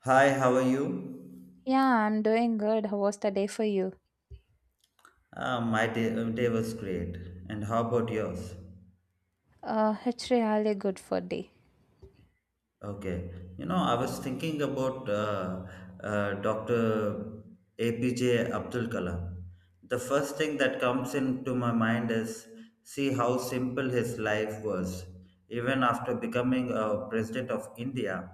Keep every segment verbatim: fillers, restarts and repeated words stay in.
Hi, how are you? Yeah, I'm doing good. How was the day for you? Uh, my day, uh, day was great. And how about yours? Uh, it's really good for day. Okay. You know, I was thinking about uh, uh, doctor A P J Abdul Kalam. The first thing that comes into my mind is see how simple his life was, even after becoming a president of India.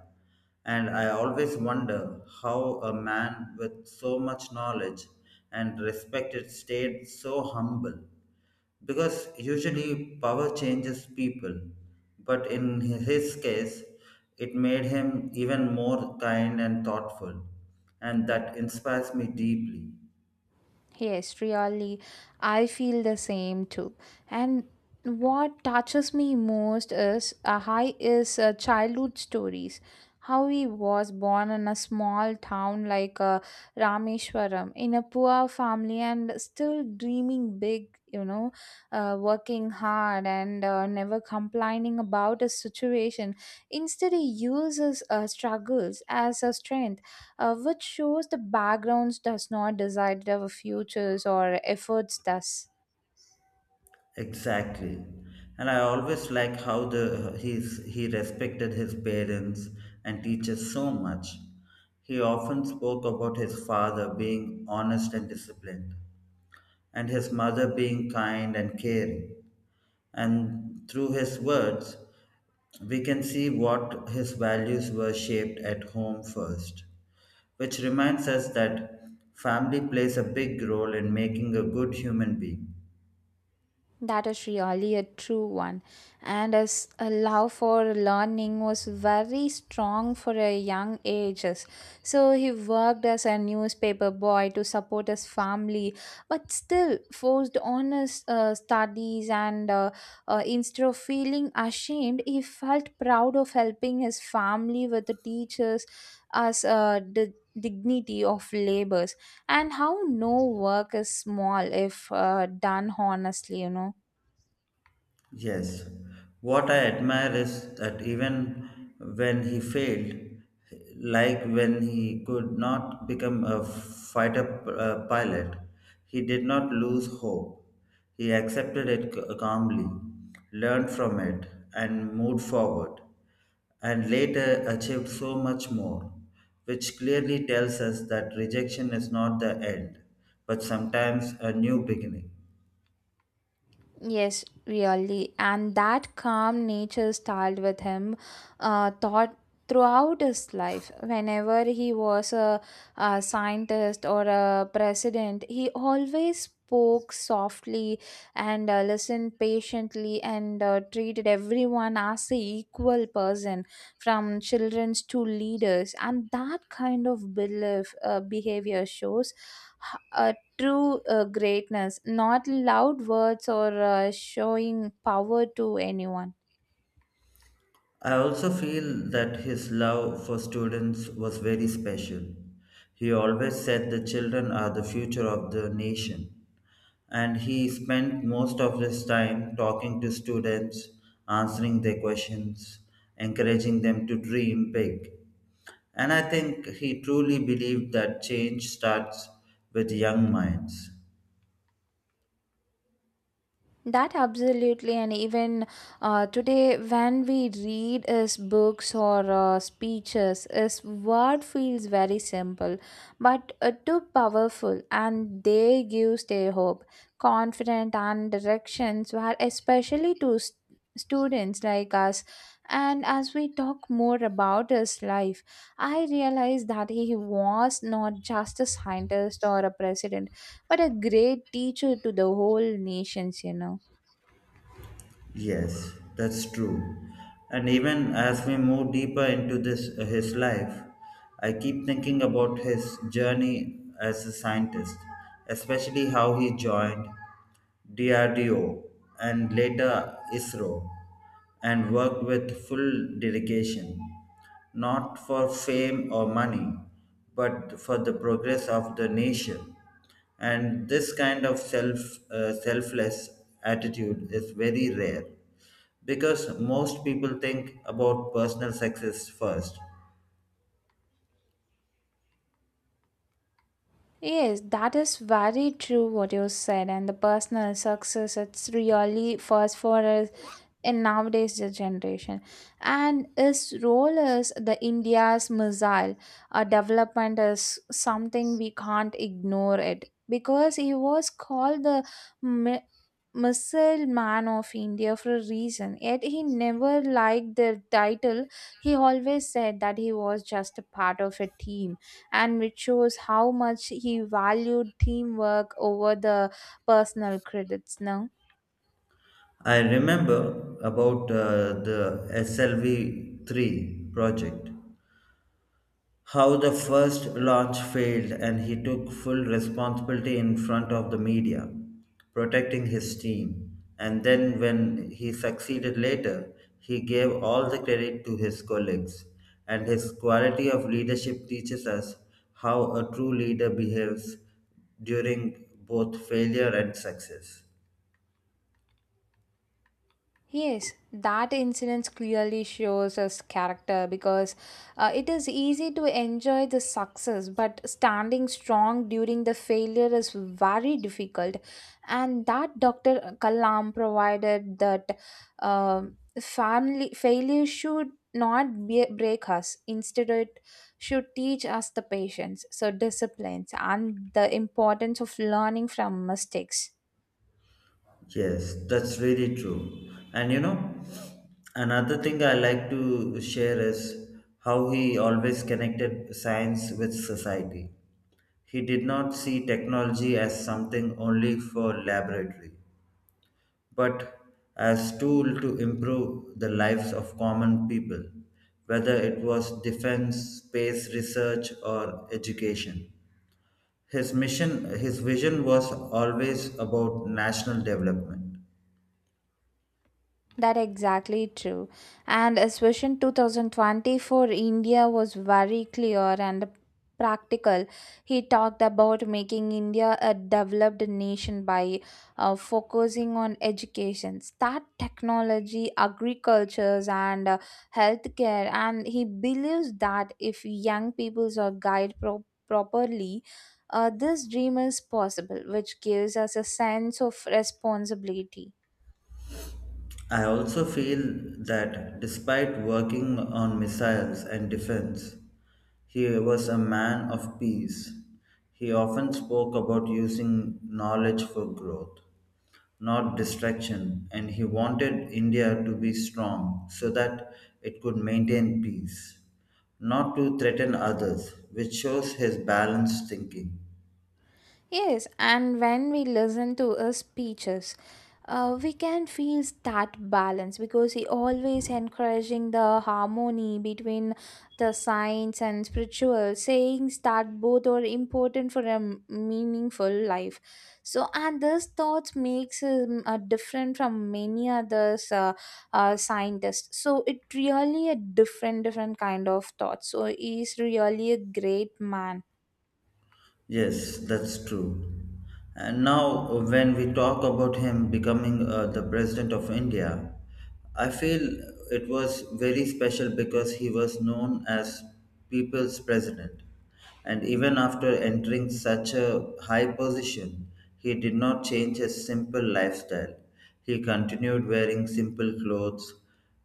And I always wonder how a man with so much knowledge and respect stayed so humble, because usually power changes people, but in his case it made him even more kind and thoughtful, and that inspires me deeply. Yes, really, I feel the same too. And what touches me most is uh, hi is uh, childhood stories. How he was born in a small town like uh, Rameshwaram in a poor family and still dreaming big, you know, uh, Working hard and uh, never complaining about his situation. Instead, he uses uh, struggles as a strength, uh, which shows the backgrounds does not decide our futures or efforts does. Exactly. And I always like how the he's he respected his parents and teachers so much. He often spoke about his father being honest and disciplined, and his mother being kind and caring. And through his words we can see what his values were, shaped at home first, which reminds us that family plays a big role in making a good human being. That is really a true one. And as a love for learning was very strong for a young ages. So he worked as a newspaper boy to support his family, but still forced on his uh, studies. And uh, uh, Instead of feeling ashamed, he felt proud of helping his family with the teachers as uh, the dignity of labors and how no work is small if uh, done honestly, you know. Yes, what I admire is that even when he failed, like when he could not become a fighter uh, pilot, he did not lose hope. He accepted it c- calmly, learned from it, and moved forward, and later achieved so much more, which clearly tells us that rejection is not the end, but sometimes a new beginning. Yes, really. And that calm nature stayed with him uh, thought throughout his life. Whenever he was a, a scientist or a president, he always spoke softly and uh, listened patiently and uh, treated everyone as a equal person, from children to leaders. And that kind of belief uh, behavior shows h- uh, true uh, greatness, not loud words or uh, showing power to anyone. I also feel that his love for students was very special. He always said the children are the future of the nation, and he spent most of his time talking to students, answering their questions, encouraging them to dream big. And I think he truly believed that change starts with young minds. That absolutely, and even uh, today, when we read his books or uh, speeches, his word feels very simple, but uh, too powerful, and they give their hope, confident, and directions were especially to st- students like us. And as we talk more about his life, I realize that he was not just a scientist or a president, but a great teacher to the whole nations. You know. Yes, that's true. And even as we move deeper into this uh, his life, I keep thinking about his journey as a scientist, especially how he joined D R D O and later ISRO, and worked with full dedication not for fame or money, but for the progress of the nation. And this kind of self uh, selfless attitude is very rare, because most people think about personal success first. Yes, that is very true what you said, and the personal success it's really first for us in nowadays the generation, and its role is the india's missile uh, development is something we can't ignore it because he was called the mi- missile man of india for a reason. Yet he never liked the title. He always said that he was just a part of a team, and which shows how much he valued teamwork over the personal credits now. I remember about uh, the S L V three project, how the first launch failed and he took full responsibility in front of the media, protecting his team. And then, when he succeeded later, he gave all the credit to his colleagues. And his quality of leadership teaches us how a true leader behaves during both failure and success. Yes, that incident clearly shows his character because uh, it is easy to enjoy the success, but standing strong during the failure is very difficult. And that doctor Kalam provided that um family failure should not be, break us. Instead, it should teach us the patience, so disciplines, and the importance of learning from mistakes. Yes, that's really true. And you know, another thing I like to share is how he always connected science with society. He did not see technology as something only for laboratory, but as tool to improve the lives of common people, whether it was defense, space research or education. His mission, his vision was always about national development. That exactly true. And especially twenty twenty-four, India was very clear and practical. He talked about making India a developed nation by uh, focusing on education, start technology, agricultures, and uh, healthcare. And he believes that if young peoples are guided pro- properly, uh, this dream is possible, which gives us a sense of responsibility. I also feel that despite working on missiles and defense, he was a man of peace. He often spoke about using knowledge for growth, not distraction, and he wanted India to be strong so that it could maintain peace, not to threaten others, which shows his balanced thinking. Yes, and when we listen to his speeches, uh, we can feel that balance because he always encouraging the harmony between the science and spiritual, saying that both are important for a m- meaningful life. So, and this thought makes him uh, different from many others uh, uh, scientists. So, it really a different, different kind of thought. So, he is really a great man. Yes, that's true. And now, uh, when we talk about him becoming uh, the president of India, I feel it was very special because he was known as people's president. And even after entering such a high position, he did not change his simple lifestyle. He continued wearing simple clothes,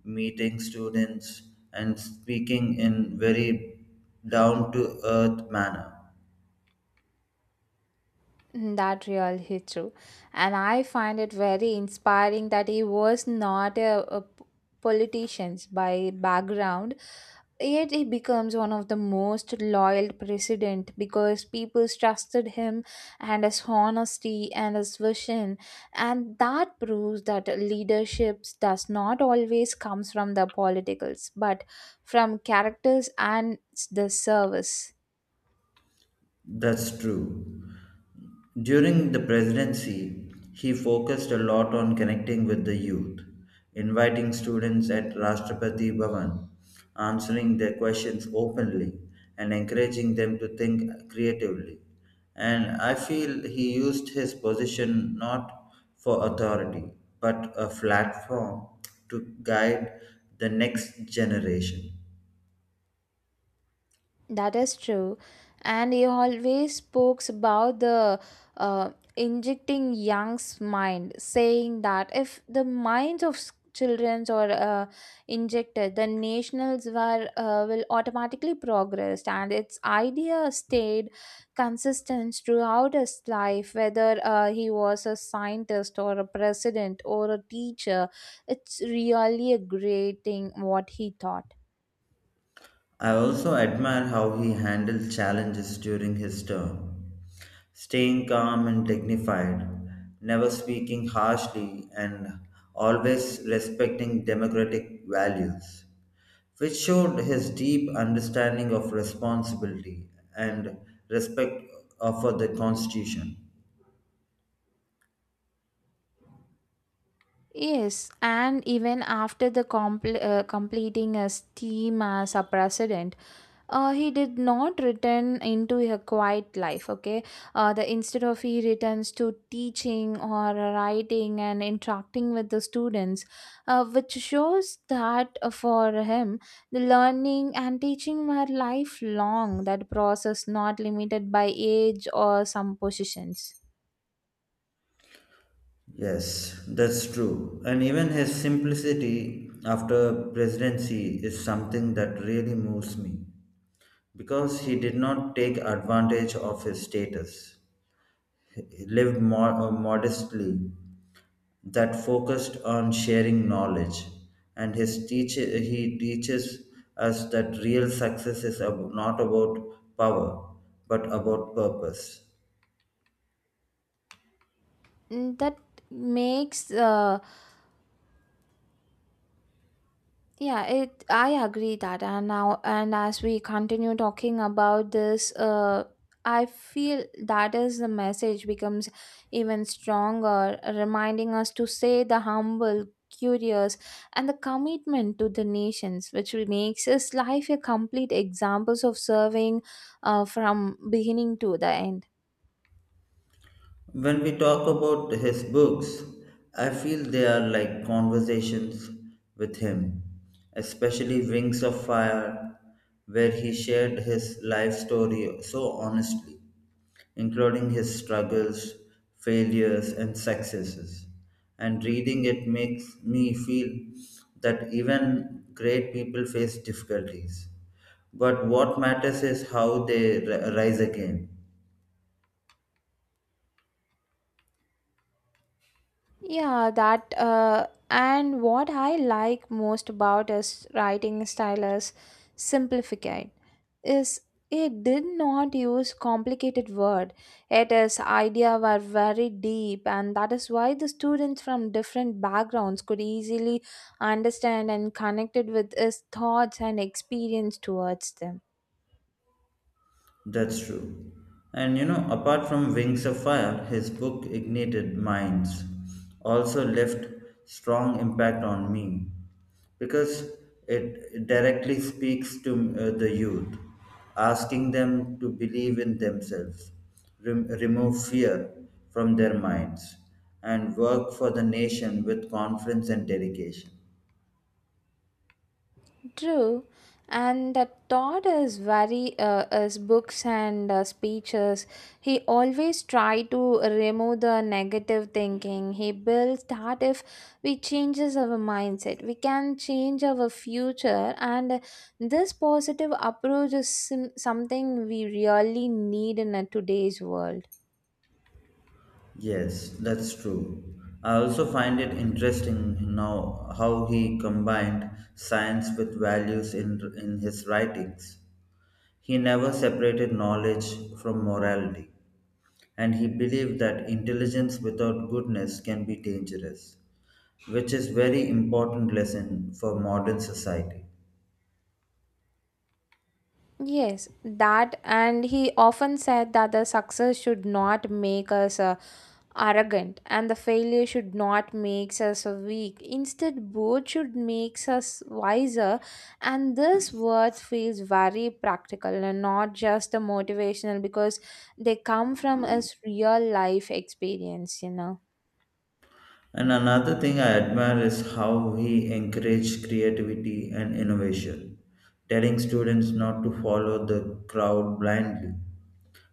meeting students, and speaking in very down to earth manner. Mm. That really is true. And I find it very inspiring that he was not a, a p- politician by background, yet he becomes one of the most loyal president because people trusted him and his honesty and his vision. And that proves that leadership does not always comes from the politicals, but from characters and the service. That's true. During the presidency, he focused a lot on connecting with the youth, inviting students at Rashtrapati Bhavan, answering their questions openly, and encouraging them to think creatively. And I feel he used his position not for authority, but a platform to guide the next generation. That is true. And he always spoke about the uh, injecting young's mind, saying that if the minds of children are uh, injected, the nationals were uh, will automatically progress. And its idea stayed consistent throughout his life, whether uh, he was a scientist or a president or a teacher. It's really a great thing what he taught. I also admire how he handled challenges during his term, staying calm and dignified, never speaking harshly, and always respecting democratic values, which showed his deep understanding of responsibility and respect for the Constitution. Yes, and even after the compl- uh, completing his team as a president, uh, he did not return into a quiet life. Okay, uh, the instead of he returns to teaching or writing and interacting with the students, uh, which shows that uh, for him the learning and teaching were lifelong. That process not limited by age or some positions. Yes, that's true. And even his simplicity after presidency is something that really moves me, because he did not take advantage of his status. He lived mo- uh, modestly, that focused on sharing knowledge, and his teach- he teaches us that real success is ab- not about power but about purpose. Mm. That makes uh, Yeah, it I agree that. And now, and as we continue talking about this, uh I feel that is the message becomes even stronger, reminding us to say the humble, curious, and the commitment to the nations, which will makes his life a complete examples of serving uh, from beginning to the end. When we talk about his books, I feel they are like conversations with him, especially Wings of Fire, where he shared his life story so honestly, including his struggles, failures, and successes. And reading it makes me feel that even great people face difficulties. But what matters is how they ri- rise again. Yeah, that uh, And what I like most about his writing style is simplified is it did not use complicated word, it is idea were very deep, and that is why the students from different backgrounds could easily understand and connected with his thoughts and experience towards them. That's true. And you know, apart from Wings of Fire, his book Ignited Minds also left strong impact on me, because it directly speaks to uh, the youth, asking them to believe in themselves, rem- remove fear from their minds, and work for the nation with confidence and dedication. True, and the thought is very uh, is books and uh, speeches. He always try to remove the negative thinking. He builds that if we changes our mindset, we can change our future. And this positive approach is sim- something we really need in a today's world. Yes, that's true. I also find it interesting now how he combined science with values in, in his writings. He never separated knowledge from morality, and he believed that intelligence without goodness can be dangerous, which is very important lesson for modern society. Yes, that, and he often said that the success should not make us uh, arrogant, and the failure should not make us weak. Instead both should make us wiser, and this word feels very practical and not just a motivational because they come from us real life experience you know And another thing I admire is how he encouraged creativity and innovation, telling students not to follow the crowd blindly,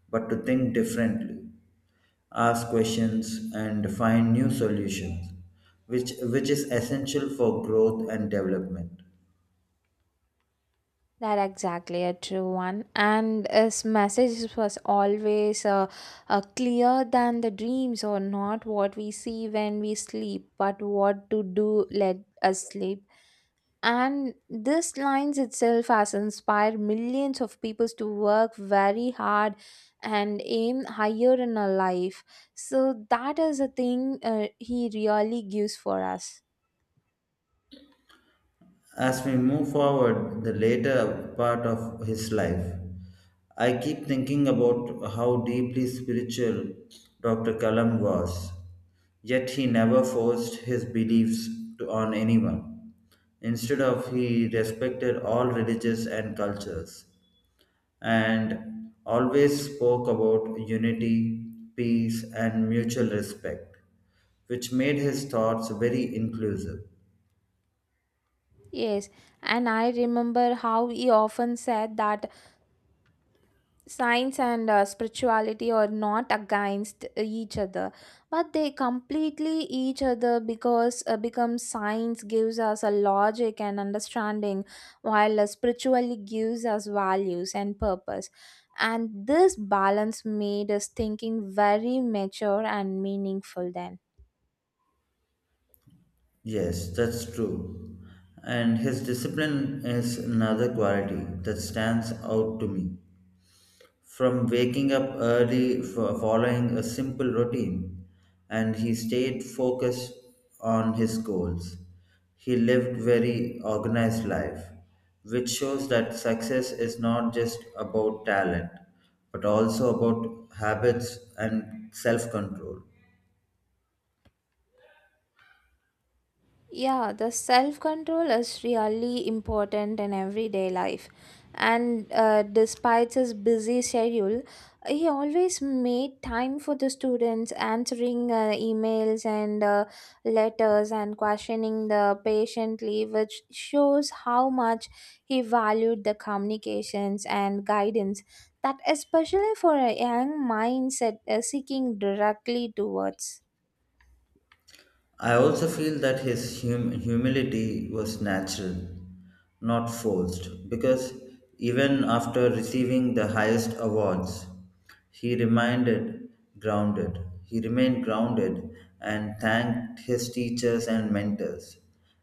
but to think differently, ask questions, and find new solutions, which, which is essential for growth and development. That exactly a true one, and his message was always uh, uh, clear than the dreams or not what we see when we sleep but what to do let us sleep. And this lines itself has inspired millions of people to work very hard and aim higher in a life. So that is a thing uh, he really gives for us. As we move forward, the later part of his life, I keep thinking about how deeply spiritual doctor Kalam was, yet he never forced his beliefs to, on anyone. Instead of he respected all religions and cultures, and always spoke about unity, peace and mutual respect, which made his thoughts very inclusive. Yes, and I remember how he often said that science and uh, spirituality are not against each other but they completely each other because uh, becomes science gives us a logic and understanding, while uh, spiritually gives us values and purpose. And this balance made us thinking very mature and meaningful then. Yes, that's true. And his discipline is another quality that stands out to me. From waking up early, for following a simple routine, and he stayed focused on his goals. He lived very organized life, which shows that success is not just about talent, but also about habits and self-control. Yeah, the self control is really important in everyday life. And uh, despite his busy schedule, he always made time for the students, answering uh, emails and uh, letters and questioning the patiently, which shows how much he valued the communications and guidance. That especially for a young mindset uh, seeking directly towards. I also feel that his hum- humility was natural, not forced, because even after receiving the highest awards, he reminded grounded. He remained grounded and thanked his teachers and mentors,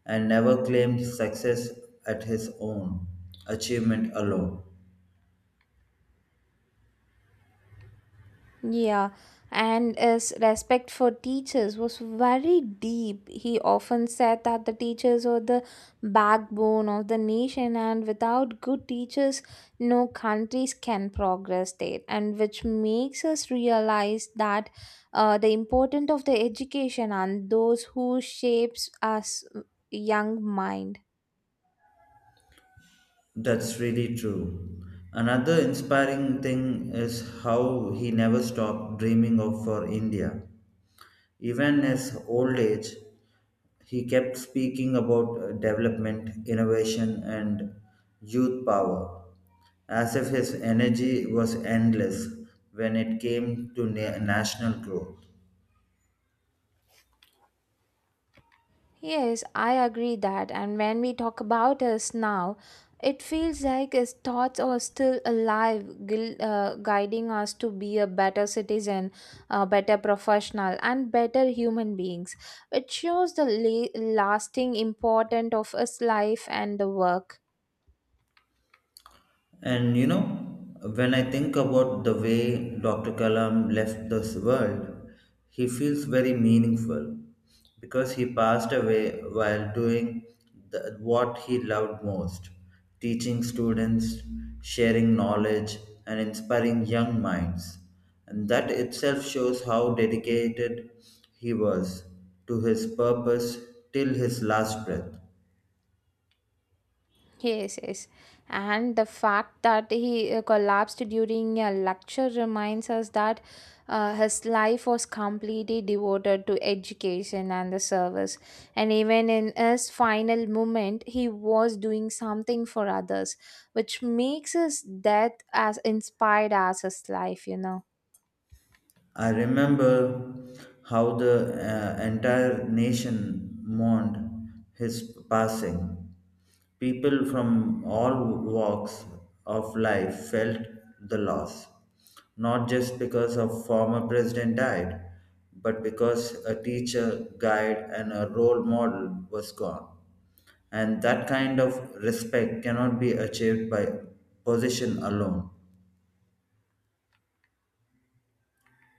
and never claimed success at his own achievement alone. Yeah, and his respect for teachers was very deep. He often said that the teachers are the backbone of the nation, and without good teachers, no countries can progress there. And which makes us realize that uh, the importance of the education and those who shapes us uh, young mind. That's really true. Another inspiring thing is how he never stopped dreaming of for India. Even as old age, he kept speaking about uh, development, innovation, and youth power, as if his energy was endless when it came to na- national growth. Yes, I agree that. And when we talk about us now, it feels like his thoughts are still alive, gui- uh, guiding us to be a better citizen, a better professional, and better human beings. It shows the la- lasting importance of his life and the work. And you know, when I think about the way doctor Kalam left this world, he feels very meaningful because he passed away while doing the, what he loved most: teaching students, sharing knowledge, and inspiring young minds. And that itself shows how dedicated he was to his purpose till his last breath. Yes, yes. And the fact that he uh, collapsed during a lecture reminds us that uh, his life was completely devoted to education and the service. And even in his final moment, he was doing something for others, which makes his death as inspired as his life, you know. I remember how the uh, entire nation mourned his passing. People from all walks of life felt the loss, not just because a former president died, but because a teacher, guide, and a role model was gone. And that kind of respect cannot be achieved by position alone.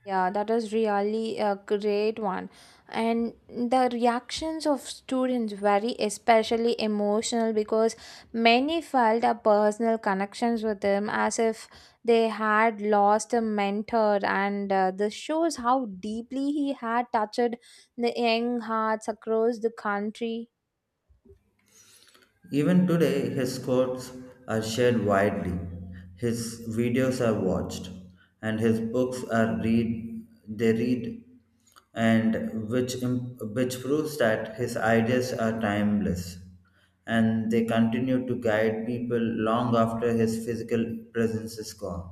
Yeah, that is really a great one. And the reactions of students very especially emotional because many felt a personal connections with them as if they had lost a mentor, and uh, this shows how deeply he had touched the young hearts across the country. Even today, his quotes are shared widely, his videos are watched, and his books are read. They read, and which im- which proves that his ideas are timeless, and they continue to guide people long after his physical presence is gone.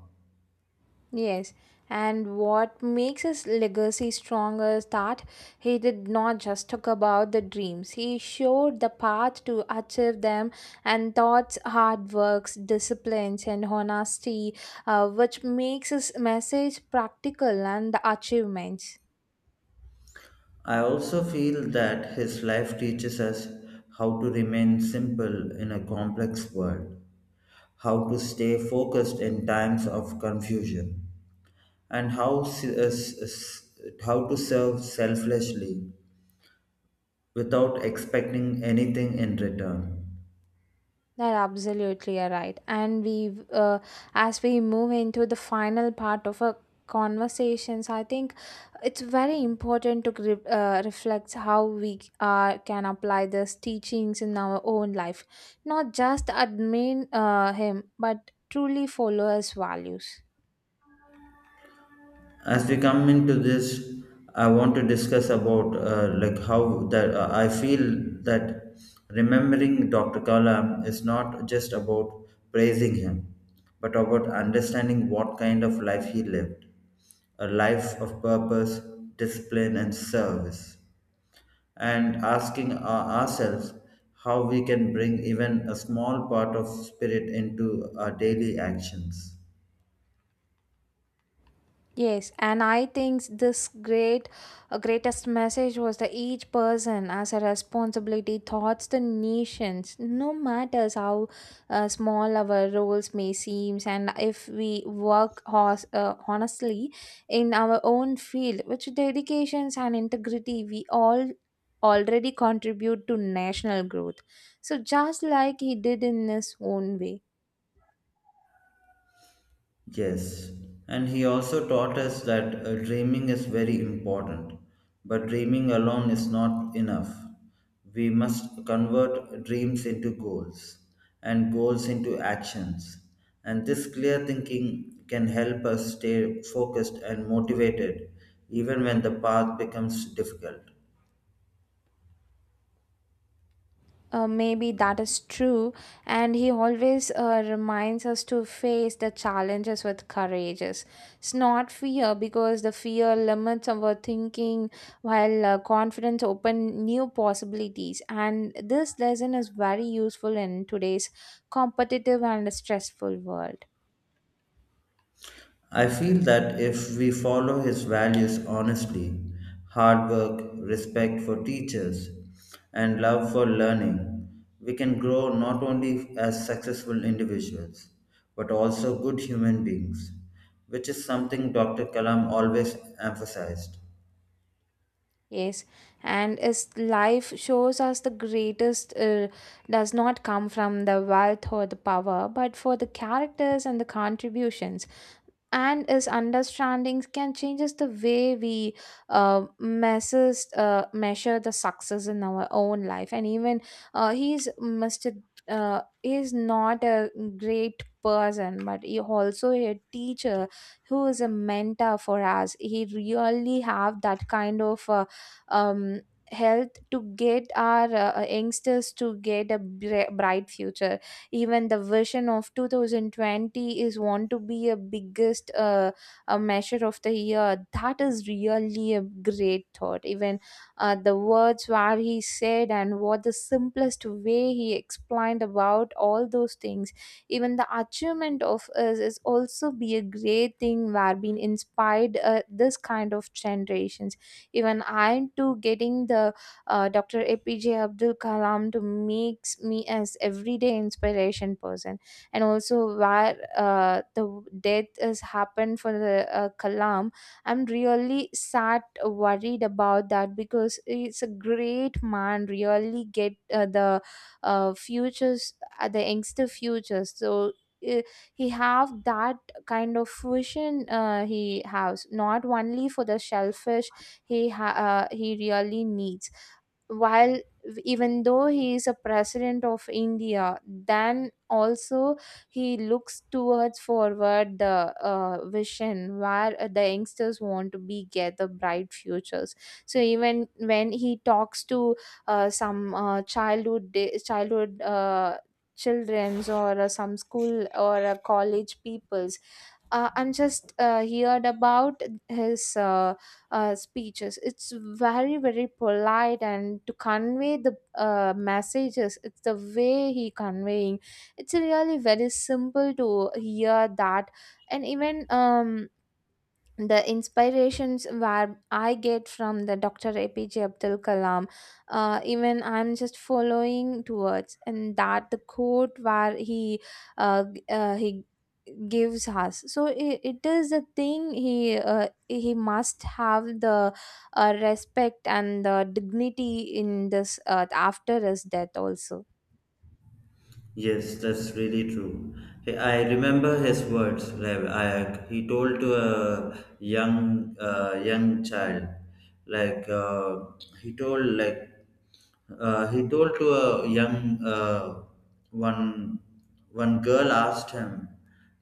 Yes, and what makes his legacy stronger is that he did not just talk about the dreams. He showed the path to achieve them and thoughts, hard works, disciplines, and honesty, uh, which makes his message practical and the achievements. I also feel that his life teaches us how to remain simple in a complex world, how to stay focused in times of confusion, and how, s- uh, s- s- how to serve selflessly without expecting anything in return. That absolutely are right. And we, uh, as we move into the final part of our conversations, I think it's very important to gri- uh, reflect how we uh, can apply these teachings in our own life, not just admin uh, him, but truly follow his values. As we come into this, I want to discuss about uh, like how that uh, I feel that remembering Dr. Kalam is not just about praising him, but about understanding what kind of life he lived, a life of purpose, discipline and service, and asking our- ourselves how we can bring even a small part of spirit into our daily actions. Yes, and I think this great, uh, greatest message was that each person as a responsibility towards the nations, no matters how uh, small our roles may seem, and if we work hos- uh, honestly in our own field, which dedications and integrity we all already contribute to national growth. So just like he did in his own way. Yes, and he also taught us that uh, dreaming is very important, but dreaming alone is not enough. We must convert dreams into goals and goals into actions. And this clear thinking can help us stay focused and motivated even when the path becomes difficult. Uh, maybe that is true, and he always uh, reminds us to face the challenges with courage. It's not fear because the fear limits our thinking, while uh, confidence open new possibilities. And this lesson is very useful in today's competitive and stressful world. I feel that if we follow his values honestly, hard work, respect for teachers, and love for learning, we can grow not only as successful individuals, but also good human beings, which is something doctor Kalam always emphasized. Yes, and as life shows us the greatest uh, does not come from the wealth or the power, but for the characters and the contributions, and his understandings can changes the way we uh, messes uh, measure the success in our own life. And even uh, he's mr uh, is not a great person but he also a teacher who is a mentor for us. He really have that kind of uh, um, health to get our uh, youngsters to get a bri- bright future. Even the version of two thousand twenty is want to be a biggest uh, a measure of the year, that is really a great thought. Even uh, the words where he said and what the simplest way he explained about all those things, even the achievement of us is also be a great thing where being inspired uh, this kind of generations. Even I too getting the uh, doctor A P J Abdul Kalam to makes me as everyday inspiration person. And also where uh, the death has happened for the uh, Kalam, I'm really sad, worried about that because it's a great man. Really get uh, the uh, futures, uh, the youngster futures. So. uh, he have that kind of vision. Uh, he has not only for the shellfish. He ha- uh, he really needs, while even though he is a president of india, then also he looks towards forward the uh, vision where uh, the youngsters want to be get the bright futures. So even when he talks to uh, some uh, childhood day, childhood uh, children's or uh, some school or uh, college people, uh, I'm just uh, heard about his uh, uh, speeches. It's very very polite and to convey the uh, messages. It's the way he conveying. It's really very simple to hear that, and even um the inspirations where I get from the doctor A P J Abdul Kalam, uh, even I'm just following towards, and that the quote where he uh, g- uh, he gives us. So it, it is a thing he uh, he must have the uh, respect and the dignity in this earth after his death also. Yes, that's really true. He- I remember his words. Like I, he told to a young, uh, young child, like uh, he told like uh, he told to a young uh, one one girl asked him,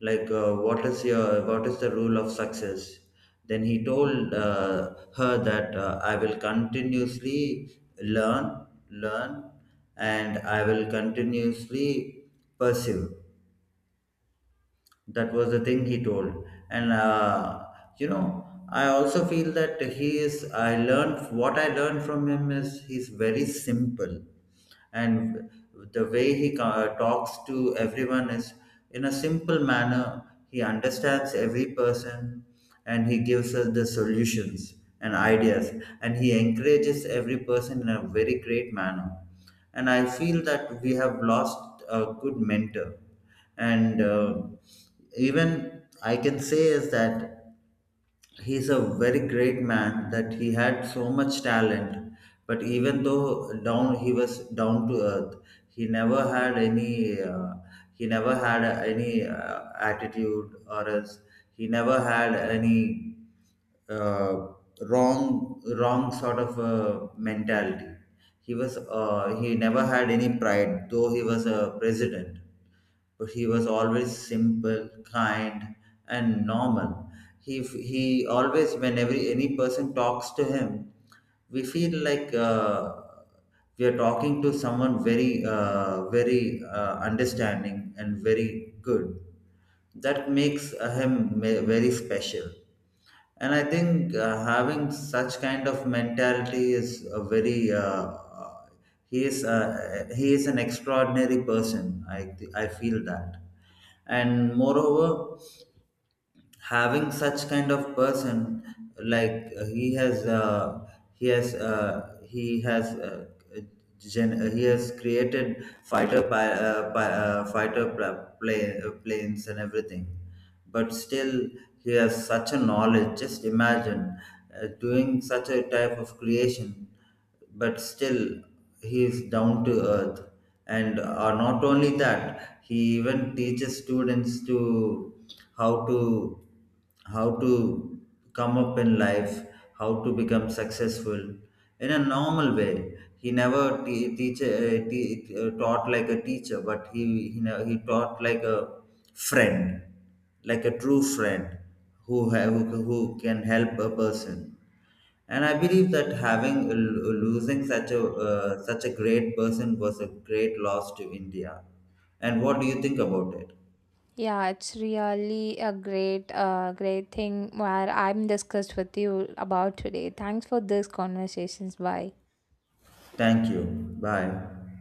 like uh, what is your what is the rule of success. Then he told uh, her that uh, I will continuously learn learn, and I will continuously pursue. That was the thing he told. And uh, you know, I also feel that he is I learned, what I learned from him is he's very simple, and the way he co- talks to everyone is in a simple manner. He understands every person, and he gives us the solutions and ideas, and he encourages every person in a very great manner. And I feel that we have lost a good mentor. And uh, Even I can say is that he's a very great man, that he had so much talent, but even though down he was down to earth. He never had any uh, he never had any uh, attitude or else. He never had any uh, wrong wrong sort of uh, mentality. He was uh, he never had any pride though he was a president, but he was always simple, kind, and normal. He he always, when every any person talks to him, we feel like uh, we are talking to someone very uh, very uh, understanding and very good, that makes uh, him ma- very special. And I think uh, having such kind of mentality is a very uh, uh, he is uh, he is an extraordinary person, i th- I feel that. And moreover, having such kind of person, like uh, he has uh, he has uh, he has uh, gen- uh, he has created fighter pi- uh, pi- uh, fighter pla- plane, uh, planes and everything, but still he has such a knowledge. Just imagine, uh, doing such a type of creation, but still he is down to earth. And uh, not only that, he even teaches students to how to how to come up in life, how to become successful in a normal way. He never te- teach, uh, te- uh, taught like a teacher, but he he, ne- he taught like a friend, like a true friend, who, ha- who who can help a person. And I believe that having uh, losing such a uh, such a great person was a great loss to India. And what do you think about it? Yeah, it's really a great, uh, great thing where I'm discussed with you about today. Thanks for this conversations. Bye. Thank you. Bye.